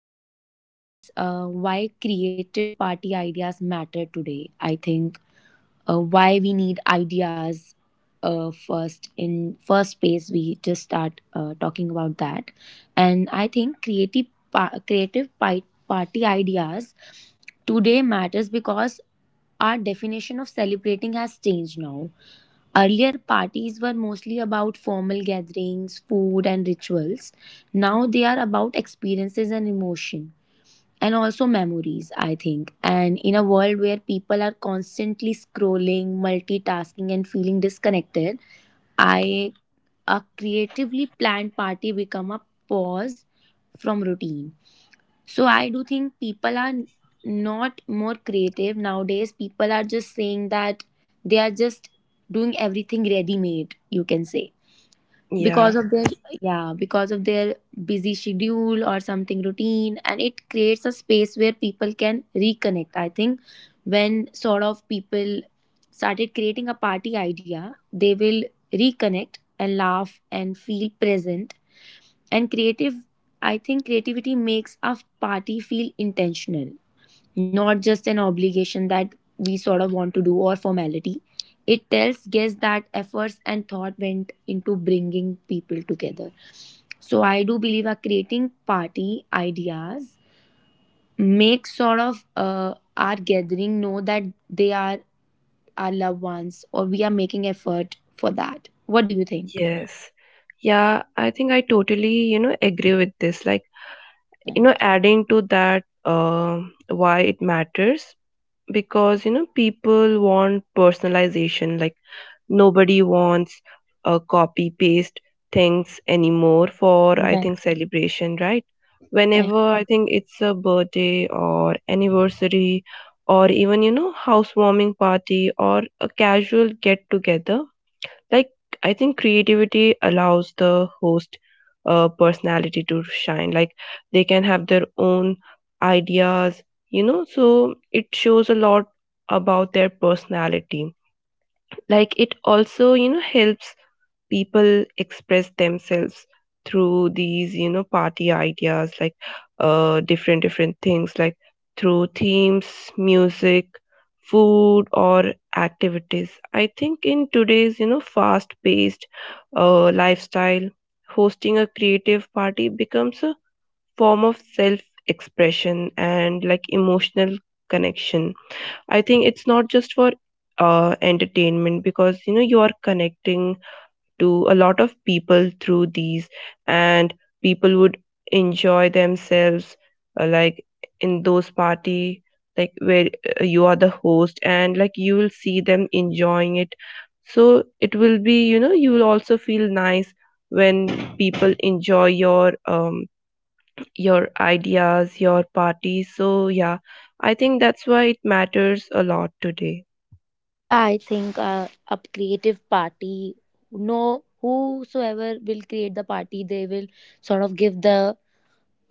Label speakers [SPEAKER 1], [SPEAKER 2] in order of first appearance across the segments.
[SPEAKER 1] we should discuss why creative party ideas matter today. I think why we need ideas first. In first place, we just start talking about that. And I think creative pa- creative pi- party ideas today matters because our definition of celebrating has changed now. Earlier, parties were mostly about formal gatherings, food, and rituals. Now they are about experiences and emotion, and also memories, I think. And in a world where people are constantly scrolling, multitasking, and feeling disconnected, I a creatively planned party become a pause from routine. So I do think people are not more creative nowadays. People are just saying that they are just doing everything ready made, you can say, because
[SPEAKER 2] Yeah.
[SPEAKER 1] of their yeah, because of their busy schedule or something routine. And it creates a space where people can reconnect, I think. When sort of people started creating a party idea, they will reconnect and laugh and feel present and creative. I think creativity makes a party feel intentional, not just an obligation that we sort of want to do, or formality. It tells guests that efforts and thought went into bringing people together. So I do believe our creating party ideas make sort of our gathering know that they are our loved ones or we are making effort for that. What do you think?
[SPEAKER 2] Yes. Yeah, I think I totally, agree with this. Like, you know,
[SPEAKER 1] Right.
[SPEAKER 2] adding to that, why it matters because, you know, people want personalization. Like, nobody wants a copy paste things anymore for, I think, celebration, right?
[SPEAKER 1] Right.
[SPEAKER 2] Whenever I think it's a birthday or anniversary or even, you know, housewarming party or a casual get together like, I think creativity allows the host personality to shine. Like, they can have their own ideas, you know, so it shows a lot about their personality. Like, it also, you know, helps people express themselves through these, you know, party ideas, like different things like through themes, music, food, or activities. I think in today's, you know, fast paced lifestyle, hosting a creative party becomes a form of self expression and like emotional connection. I think it's not just for entertainment, because you know you are connecting to a lot of people through these, and people would enjoy themselves, like in those party, like where you are the host and like you will see them enjoying it. So it will be, you know, you will also feel nice when people enjoy your ideas, your party. So yeah, I think that's why it matters a lot today.
[SPEAKER 1] Yeah, I think a creative party, no, whosoever will create the party, they will sort of give the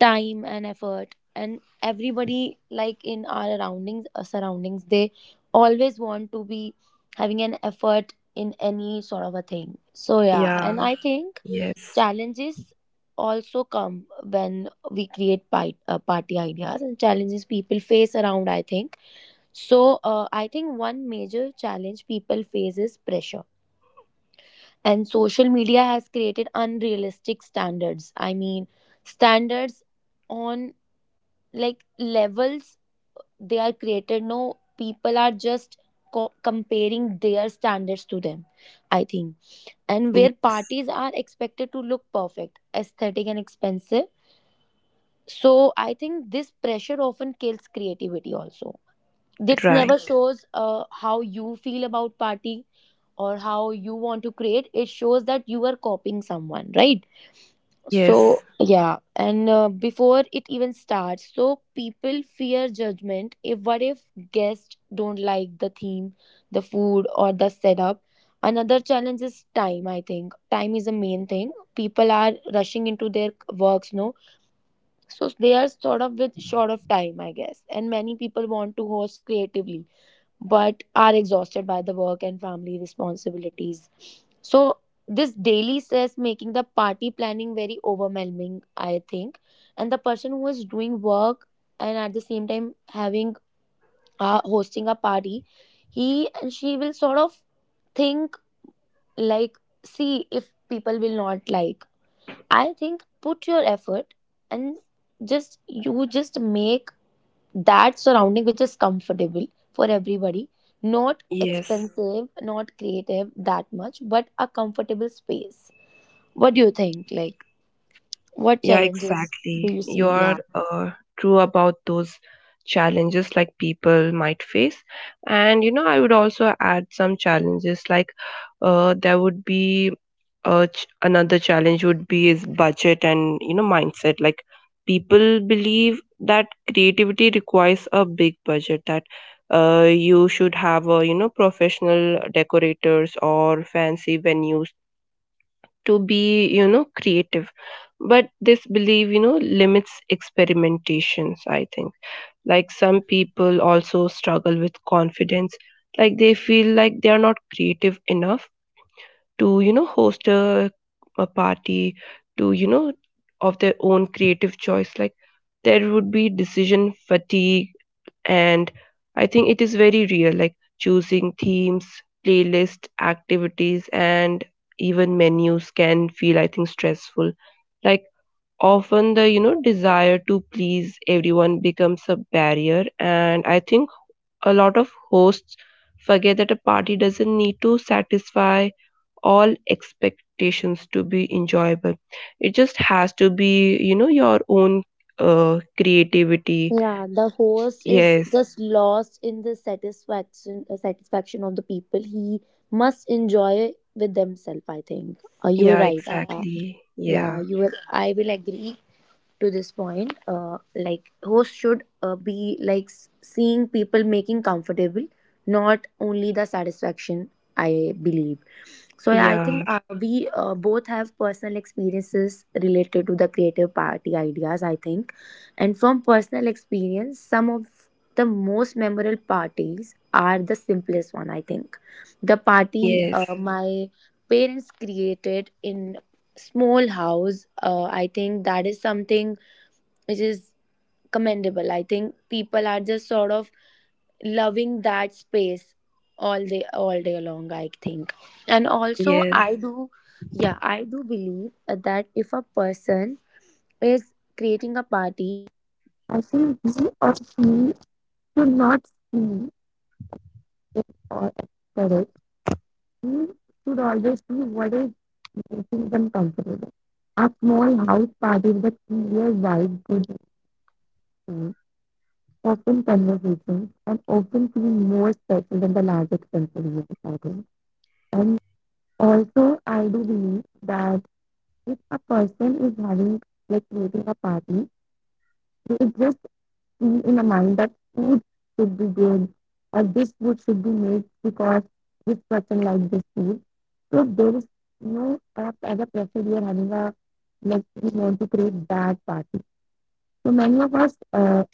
[SPEAKER 1] time and effort. And everybody like in our surroundings they always want to be having an effort in any sort of a thing. So yeah.
[SPEAKER 2] Yeah.
[SPEAKER 1] And I think
[SPEAKER 2] Yes.
[SPEAKER 1] challenges also come when we create party ideas and challenges people face around, I think. So I think one major challenge people face is pressure, and social media has created unrealistic standards. I mean, standards on like levels, they are created, no? People are just comparing their standards to them, I think. And
[SPEAKER 2] Ye-
[SPEAKER 1] where parties are expected to look perfect, aesthetic, and expensive, so I think this pressure often kills creativity also. This never
[SPEAKER 2] right.
[SPEAKER 1] shows how you feel about party or how you want to create. It shows that you are copying someone, right?
[SPEAKER 2] Yes.
[SPEAKER 1] So, yeah. And before it even starts, so people fear judgment. If what if guests don't like the theme, the food, or the setup? Another challenge is time, I think. Time is a main thing. People are rushing into their works, no? So they are sort of with short of time, I guess. And many people want to host creatively but are exhausted by the work and family responsibilities. So, this daily stress making the party planning very overwhelming, I think. And the person who is doing work and at the same time having hosting a party, he and she will sort of think, like, see if people will not like. I think put your effort and just you just make that surrounding which is comfortable for everybody, not
[SPEAKER 2] Yes.
[SPEAKER 1] expensive, not creative that much, but a comfortable space. What do you think, like, what
[SPEAKER 2] Yeah,
[SPEAKER 1] challenges do
[SPEAKER 2] exactly.
[SPEAKER 1] you see?
[SPEAKER 2] You're
[SPEAKER 1] Yeah.
[SPEAKER 2] true about those challenges like people might face. And you know, I would also add some challenges like there would be another challenge would be is budget and you know mindset. Like people believe that creativity requires a big budget, that you should have a, you know, professional decorators or fancy venues to be, you know, creative, but this belief, you know, limits experimentations, I think. Like some
[SPEAKER 1] No.
[SPEAKER 2] people also struggle with confidence, like they feel like they are not creative enough to, you know, host a party to, you know, of their own creative choice. Like there would be decision fatigue, and I think it is very real, like choosing themes, playlist, activities, and even menus can feel, I think, stressful. Like often the, you know, desire to please everyone becomes a barrier, and I think a lot of hosts forget that a party doesn't need to satisfy all expectations to be enjoyable. It just has to be, you know, your own creativity.
[SPEAKER 1] Yeah, the host is
[SPEAKER 2] Yes.
[SPEAKER 1] just lost in the satisfaction of the people. He must enjoy with themselves, I think. You were
[SPEAKER 2] Yeah,
[SPEAKER 1] right.
[SPEAKER 2] exactly.
[SPEAKER 1] Yeah, you
[SPEAKER 2] Yeah.
[SPEAKER 1] were I will agree to this point. Like host should be like seeing people making comfortable, not only the satisfaction, I believe. So yeah, I think
[SPEAKER 2] Yeah.
[SPEAKER 1] we both have personal experiences related to the creative party ideas, I think. And from personal experience, some of the most memorable parties are the simplest one, I think. The party
[SPEAKER 2] Yes.
[SPEAKER 1] my parents created in small house, I think that is something which is commendable. I think people are just sort of loving that space all day long, I think. And also
[SPEAKER 2] Yes.
[SPEAKER 1] I do yeah, I do believe that if a person is creating a party, I think he or she should not see it, or correct. He should always see what is making them comfortable. A small house party with a clear vibe, good open conversations, and often feel more special than the large expensive events, I think. And also, I do believe that if a person is having, like, creating a party, you just see in a mind that food should be good, or this food should be made because this person likes this food. So there is no as a pressure you are having a, like, we want to create that party. So many of us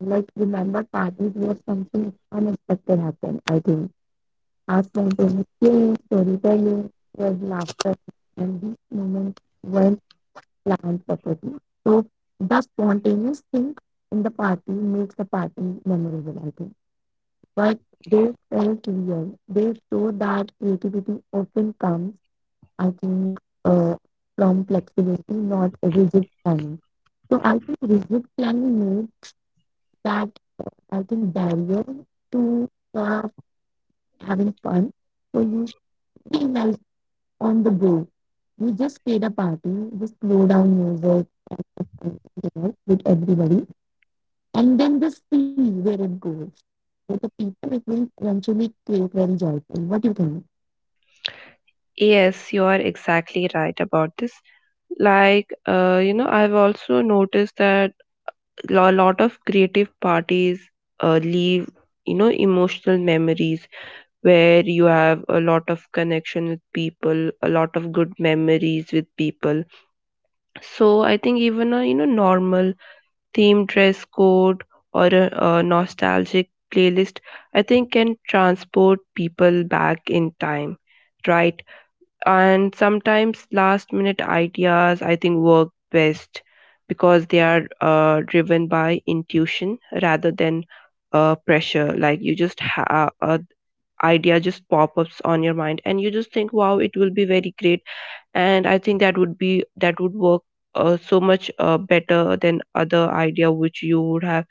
[SPEAKER 1] like remember parties where something unexpected happened. I think our spontaneous games, storytelling, shared laughter, and these moments weren't planned property. So the spontaneous thing in the party makes the party memorable, I think. But they felt real. They show that creativity often comes, I think, uh, from flexibility, not rigid planning. So I think rigid planning makes that, I think, barrier to sort having fun. So you feel like on the go. We just played a party, just slow down music and dinner with everybody, and then just see where it goes. With the people, it will eventually create very joyful. What do you think?
[SPEAKER 2] Yes, you are exactly right about this. Like, you know, I've also noticed that a lot of creative parties leave, you know, emotional memories where you have a lot of connection with people, a lot of good memories with people. So I think even a, you know, normal theme dress code or a nostalgic playlist, I think, can transport people back in time, right? And sometimes last minute ideas, I think, work best because they are driven by intuition rather than pressure. Like you just have a idea just pop ups on your mind and you just think wow it will be very great, and I think that would be, that would work so much better than other idea which you would have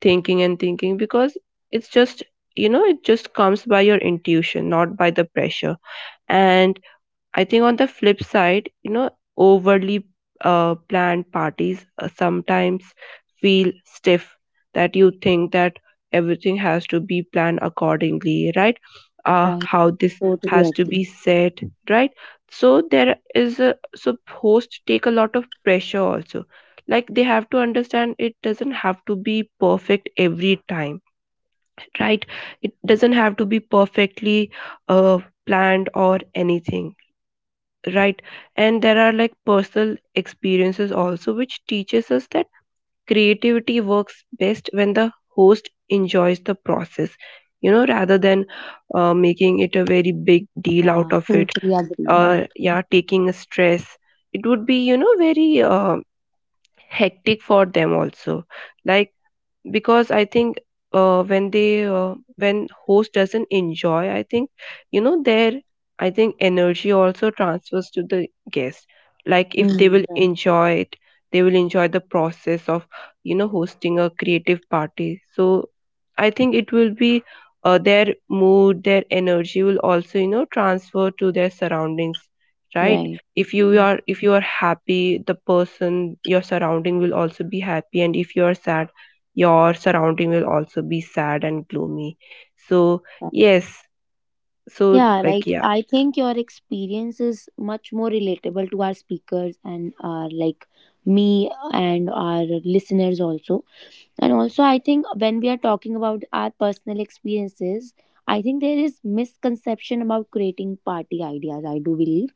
[SPEAKER 2] thinking and thinking, because it's just, you know, it just comes by your intuition, not by the pressure. And I think on the flip side, you know, overly planned parties sometimes feel stiff, that you think that everything has to be planned accordingly, right?
[SPEAKER 1] Right.
[SPEAKER 2] How this
[SPEAKER 1] Totally
[SPEAKER 2] has to
[SPEAKER 1] agree.
[SPEAKER 2] be said, right? So there is a, so hosts take a lot of pressure also. Like they have to understand it doesn't have to be perfect every time, right? It doesn't have to be perfectly uh, planned or anything, right? And there are like personal experiences also which teaches us that creativity works best when the host enjoys the process, you know, rather than making it a very big deal
[SPEAKER 1] Yeah.
[SPEAKER 2] out of it,
[SPEAKER 1] Totally agree. Yeah.
[SPEAKER 2] or yeah, taking a stress. It would be, you know, very hectic for them also, like, because I think when they when host doesn't enjoy, I think, you know, their, I think, energy also transfers to the guest. Like if they
[SPEAKER 1] Mm.
[SPEAKER 2] will enjoy it, they will enjoy the process of, you know, hosting a creative party. So I think it will be their mood, their energy will also, you know, transfer to their surroundings, right?
[SPEAKER 1] Right.
[SPEAKER 2] If you are, if you are happy, the person, your surrounding will also be happy, and if you are sad, your surrounding will also be sad and gloomy. So
[SPEAKER 1] Right.
[SPEAKER 2] yes. So
[SPEAKER 1] Yeah,
[SPEAKER 2] like,
[SPEAKER 1] right.
[SPEAKER 2] yeah.
[SPEAKER 1] I think your experience is much more relatable to our speakers and our, like, me and our listeners also. And also, I think when we are talking about our personal experiences, I think there is misconception about creating party ideas, I do believe.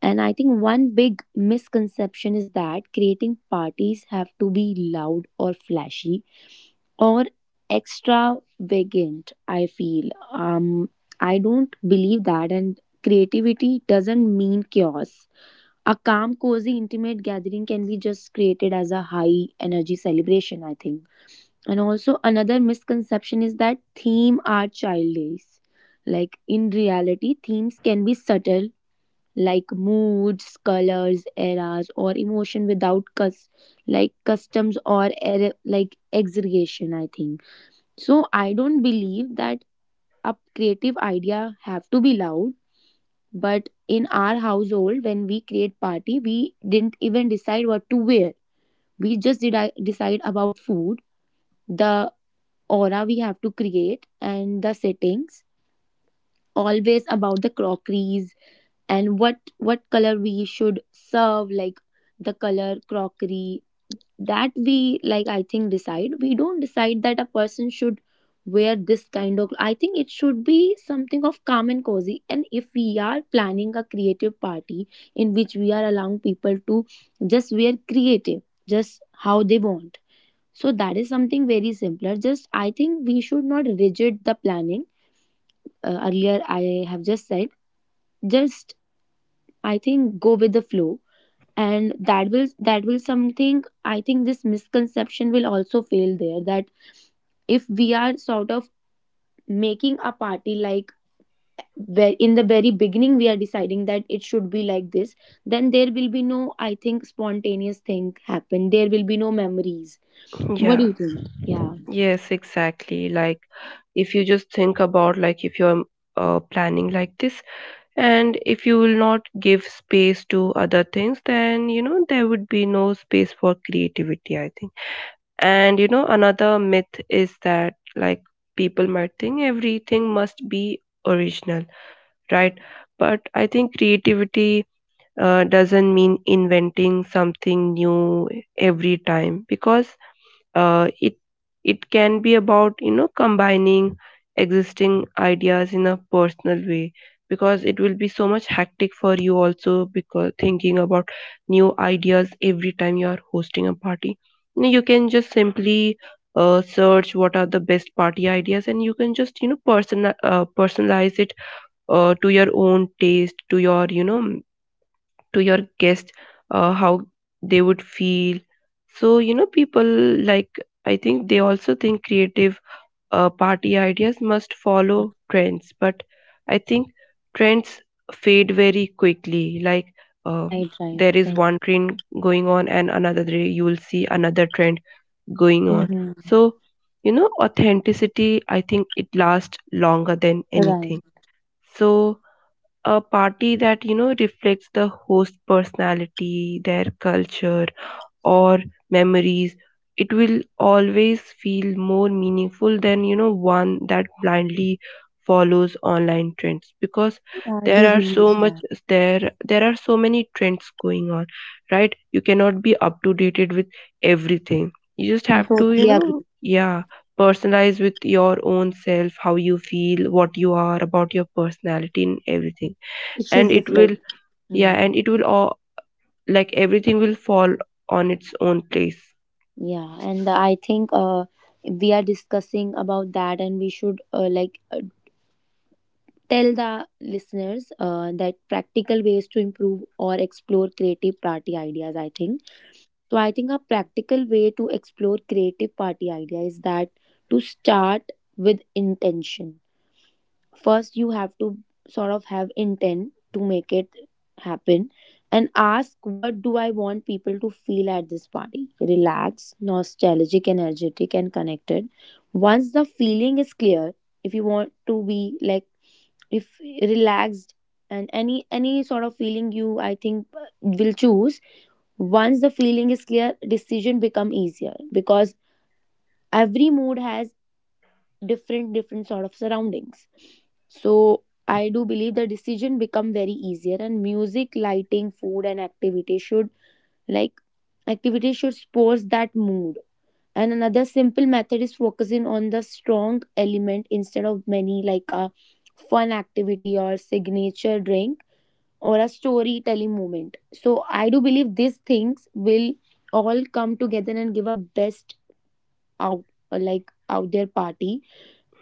[SPEAKER 1] And I think one big misconception is that creating parties have to be loud or flashy or extravagant, I feel. I don't believe that. And creativity doesn't mean chaos. A calm, cozy, intimate gathering can be just created as a high energy celebration, I think. And also, another misconception is that theme are childish. Like in reality, themes can be subtle, like moods, colors, eras, or emotion without like customs, or like exaggeration. I think so. I don't believe that a creative idea have to be loud. But in our household, when we create party, we didn't even decide what to wear. We just did decide about food, the aura we have to create, and the settings always about the crockeries and what color we should serve, like the color crockery that we like, I think, decide. We don't decide that a person should wear this kind of, I think it should be something of calm and cozy. And if we are planning a creative party in which we are allowing people to just wear creative, just how they want, so that is something very simpler. Just I think we should not rigid the planning. Earlier I have just said just, I think, go with the flow. And that will something, I think. This misconception will also fail there, that if we are sort of making a party like, where in the very beginning we are deciding that it should be like this, then there will be no, I think, spontaneous thing happen, there will be no memories. What do
[SPEAKER 2] Yeah,
[SPEAKER 1] you think? Yeah.
[SPEAKER 2] yes, exactly, like if you just think about like if you're planning like this, and if you will not give space to other things, then you know there would be no space for creativity, I think. And you know, another myth is that like people might think everything must be original, right? But I think creativity doesn't mean inventing something new every time, because it, it can be about, you know, combining existing ideas in a personal way, because it will be so much hectic for you also, because thinking about new ideas every time you are hosting a party, you know, you can just simply search what are the best party ideas, and you can just, you know, personalize it to your own taste, to your, you know, to your guest, how they would feel. So you know people like, I think, they also think creative party ideas must follow trends, but I think trends fade very quickly, like uh,
[SPEAKER 1] Right, right,
[SPEAKER 2] there is
[SPEAKER 1] right.
[SPEAKER 2] one trend going on and another day you will see another trend going on.
[SPEAKER 1] Mhm.
[SPEAKER 2] So you know authenticity, I think, it lasts longer than
[SPEAKER 1] Right.
[SPEAKER 2] anything. So a party that, you know, reflects the host personality, their culture, or memories, it will always feel more meaningful than, you know, one that blindly follows online trends, because
[SPEAKER 1] I do
[SPEAKER 2] there are so
[SPEAKER 1] believe
[SPEAKER 2] much,
[SPEAKER 1] that.
[SPEAKER 2] there are so many trends going on, right? You cannot be up to dated with everything, you just
[SPEAKER 1] No,
[SPEAKER 2] have to, you
[SPEAKER 1] totally agree.
[SPEAKER 2] know, yeah, personalize with your own self, how you feel, what you are about, your personality and everything,
[SPEAKER 1] It should
[SPEAKER 2] and it will,
[SPEAKER 1] reflect.
[SPEAKER 2] yeah, and
[SPEAKER 1] Mm,
[SPEAKER 2] it will all, like everything will fall on its own place.
[SPEAKER 1] yeah, and I think we are discussing about that, and we should like tell the listeners that practical ways to improve or explore creative party ideas. I think so. I think a practical way to explore creative party idea is that to start with intention. First you have to sort of have intent to make it happen, and ask, what do I want people to feel at this party? Relax, nostalgic, energetic, and connected. Once the feeling is clear, if you want to be like if relaxed, and any sort of feeling you, I think, will choose. Once the feeling is clear, decision become easier because every mood has different sort of surroundings. So I do believe the decision become very easier, and music, lighting, food, and like activity should sports that mood. And another simple method is focusing on the strong element instead of many, like a fun activity or signature drink or a storytelling moment. So I do believe these things will all come together and give a best out out their party.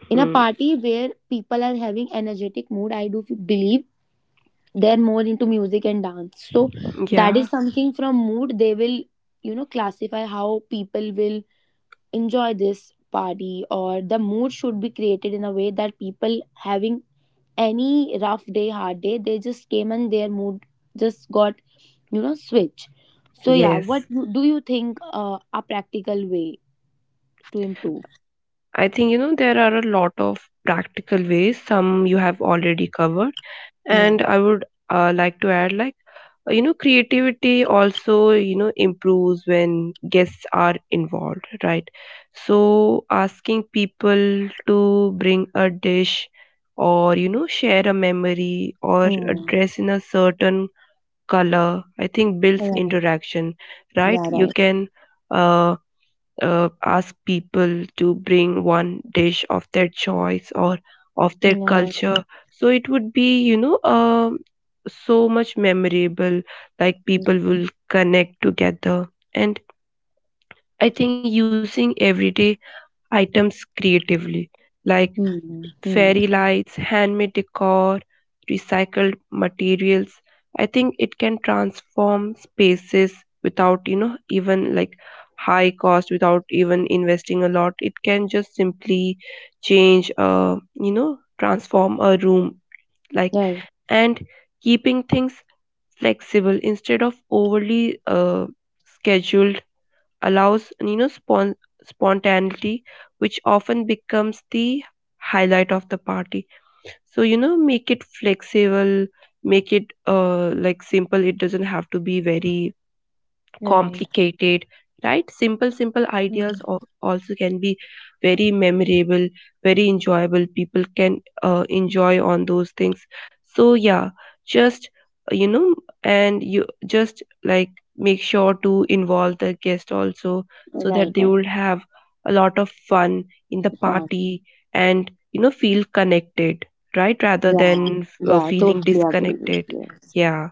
[SPEAKER 1] In a
[SPEAKER 2] Hmm.
[SPEAKER 1] party where people are having energetic mood, I do believe they're more into music and dance. So that
[SPEAKER 2] Yeah.
[SPEAKER 1] is something from mood they will classify how people will enjoy this party. Or the mood should be created in a way that people having any rough day, hard day, they just came and their mood just got switch. So yeah, what
[SPEAKER 2] Yes,
[SPEAKER 1] do you think, a practical way to improve?
[SPEAKER 2] I think, you know, there are a lot of practical ways, some you have already covered, and I would like to add, like you know, creativity also, you know, improves when guests are involved, right? So asking people to bring a dish, or you know, share a memory, or a
[SPEAKER 1] Hmm.
[SPEAKER 2] dress in a certain color, I think, builds
[SPEAKER 1] Yeah,
[SPEAKER 2] interaction,
[SPEAKER 1] yeah,
[SPEAKER 2] right?
[SPEAKER 1] right,
[SPEAKER 2] You can uh, ask people to bring one dish of their choice or of
[SPEAKER 1] yeah,
[SPEAKER 2] their
[SPEAKER 1] right.
[SPEAKER 2] culture. So it would be, you know, so much memorable, like people will connect together. And I think using everyday items creatively, like
[SPEAKER 1] Hmm. Hmm.
[SPEAKER 2] fairy lights, handmade decor, recycled materials, I think it can transform spaces without, you know, even like high cost, without even investing a lot. It can just simply change, you know, transform a room, like,
[SPEAKER 1] Right,
[SPEAKER 2] and keeping things flexible instead of overly scheduled allows, you know, spontaneity, which often becomes the highlight of the party. So you know make it flexible, make it like simple, it doesn't have to be very
[SPEAKER 1] right.
[SPEAKER 2] complicated, right? Simple, simple ideas
[SPEAKER 1] Mm.
[SPEAKER 2] also can be very memorable, very enjoyable. People can enjoy on those things. So yeah, just you know, and you just like make sure to involve the guest also so
[SPEAKER 1] Right,
[SPEAKER 2] that they
[SPEAKER 1] right.
[SPEAKER 2] will have a lot of fun in the
[SPEAKER 1] Good point.
[SPEAKER 2] party and you know feel connected, right, rather
[SPEAKER 1] Yeah,
[SPEAKER 2] than
[SPEAKER 1] yeah,
[SPEAKER 2] feeling
[SPEAKER 1] totally agree.
[SPEAKER 2] disconnected.
[SPEAKER 1] Yes,
[SPEAKER 2] Yeah.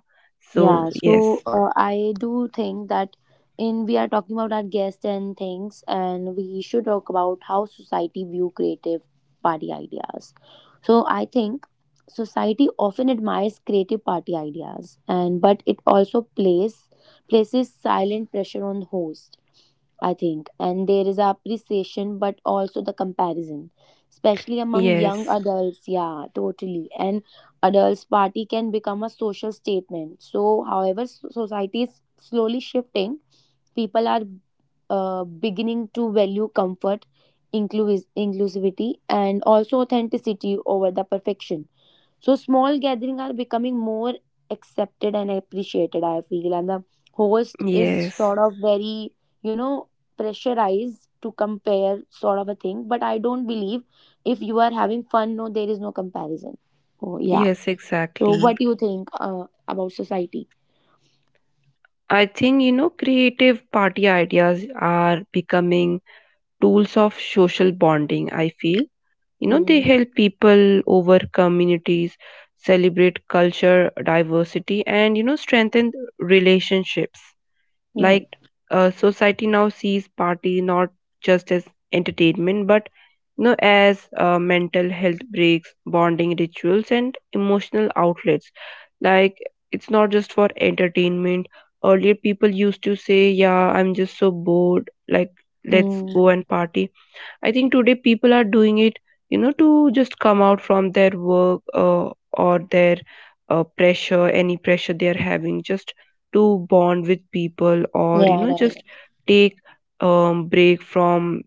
[SPEAKER 2] So
[SPEAKER 1] yeah.
[SPEAKER 2] yes.
[SPEAKER 1] So I do think that in we are talking about our guests and things, and we should talk about how society view creative party ideas. So I think society often admires creative party ideas, and but it also plays places silent pressure on host, I think. And there is appreciation, but also the comparison, especially among young
[SPEAKER 2] Yes.
[SPEAKER 1] adults. Yeah, totally. And adults' party can become a social statement. So, however, society is slowly shifting. People are beginning to value comfort, inclusivity, and also authenticity over the perfection. So small gatherings are becoming more accepted and appreciated, I feel. And the host is
[SPEAKER 2] Yes,
[SPEAKER 1] sort of very, you know, pressurized to compare sort of a thing. But I don't believe if you are having fun, no, there is no comparison. Oh yeah.
[SPEAKER 2] yes,
[SPEAKER 1] So what
[SPEAKER 2] exactly.
[SPEAKER 1] do you think about society?
[SPEAKER 2] I think, you know, creative party ideas are becoming tools of social bonding, I feel. You know, they
[SPEAKER 1] Hmm.
[SPEAKER 2] help people over communities, celebrate culture diversity, and, you know, strengthen relationships. Like
[SPEAKER 1] Right.
[SPEAKER 2] society now sees party not just as entertainment, but you know, as mental health breaks, bonding rituals, and emotional outlets. Like it's not just for entertainment. Earlier, people used to say, "Yeah, I'm just so bored. Like let's
[SPEAKER 1] Hmm.
[SPEAKER 2] go and party." I think today people are doing it, you know, to just come out from their work, or their pressure, any pressure they are having, just to bond with people, or, you
[SPEAKER 1] Yeah,
[SPEAKER 2] know,
[SPEAKER 1] right.
[SPEAKER 2] just take, break from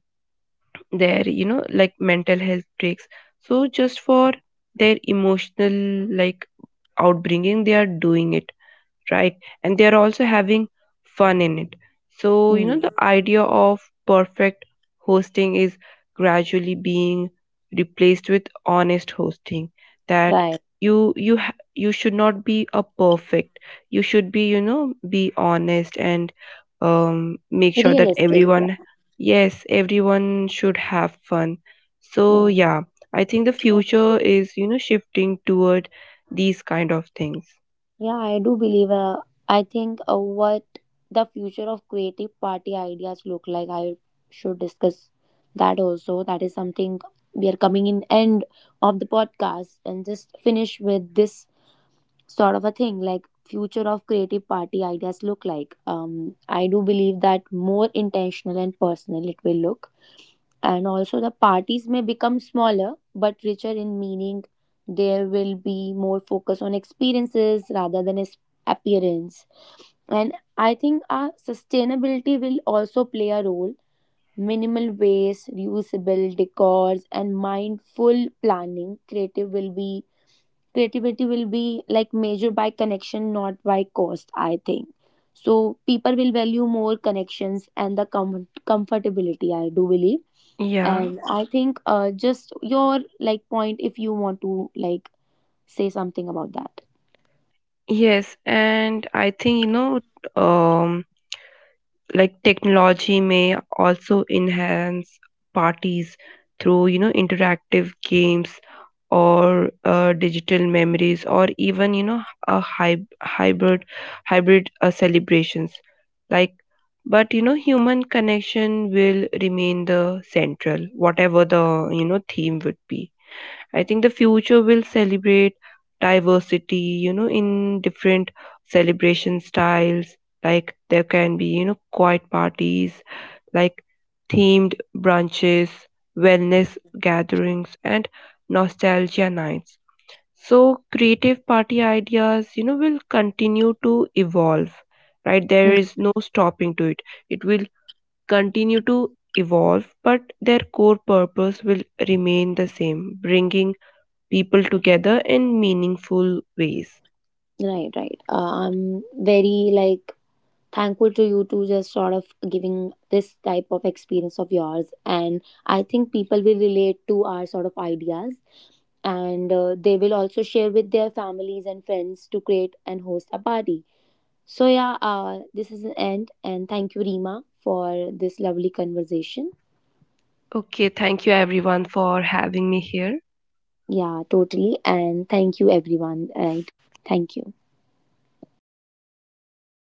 [SPEAKER 2] their, you know, like mental health breaks. So just for their emotional, like, outbringing, they are doing it, right? And they are also having fun in it. So, you know,
[SPEAKER 1] Hmm.
[SPEAKER 2] the idea of perfect hosting is gradually being replaced with honest hosting that,
[SPEAKER 1] Right.
[SPEAKER 2] you you should not be a perfect, you should be, you know, be honest and make sure that
[SPEAKER 1] Realistic.
[SPEAKER 2] everyone, yes, everyone should have fun. So
[SPEAKER 1] Yeah.
[SPEAKER 2] yeah, I think the
[SPEAKER 1] Right.
[SPEAKER 2] future is, you know, shifting toward these kind of things.
[SPEAKER 1] Yeah, I do believe. I think what the future of creative party ideas look like, I should discuss that also. That is something we are coming in end of the podcast and just finish with this sort of a thing like future of creative party ideas look like. I do believe that more intentional and personal it will look. And also the parties may become smaller but richer in meaning. There will be more focus on experiences rather than appearance. And I think our sustainability will also play a role. Minimal waste, reusable decors, and mindful planning. Creative will be Creativity will be, like, measured by connection, not by cost, I think. So people will value more connections and the comfortability, I do believe.
[SPEAKER 2] Yeah.
[SPEAKER 1] And I think just your, like, point, if you want to, like, say something about that.
[SPEAKER 2] Yes, and I think you know, um, like technology may also enhance parties through you know interactive games or digital memories, or even you know a hybrid, hybrid celebrations. Like, but you know, human connection will remain the central, whatever the, you know, theme would be. I think the future will celebrate diversity, you know, in different celebration styles. Like there can be, you know, quiet parties, like themed brunches, wellness gatherings, and nostalgia nights. So creative party ideas, you know, will continue to evolve, right?
[SPEAKER 1] Mm.
[SPEAKER 2] There is no stopping to it. It will continue to evolve, but their core purpose will remain the same, bringing people together in meaningful ways.
[SPEAKER 1] Right, right. I'm very, like, thankful to you to just sort of giving this type of experience of yours. And I think people will relate to our sort of ideas, and they will also share with their families and friends to create and host a party. So yeah, this is the end. And thank you, Rima, for this lovely conversation.
[SPEAKER 2] Okay, thank you everyone for having me here.
[SPEAKER 1] Yeah, totally. And thank you, everyone. Right. Thank you.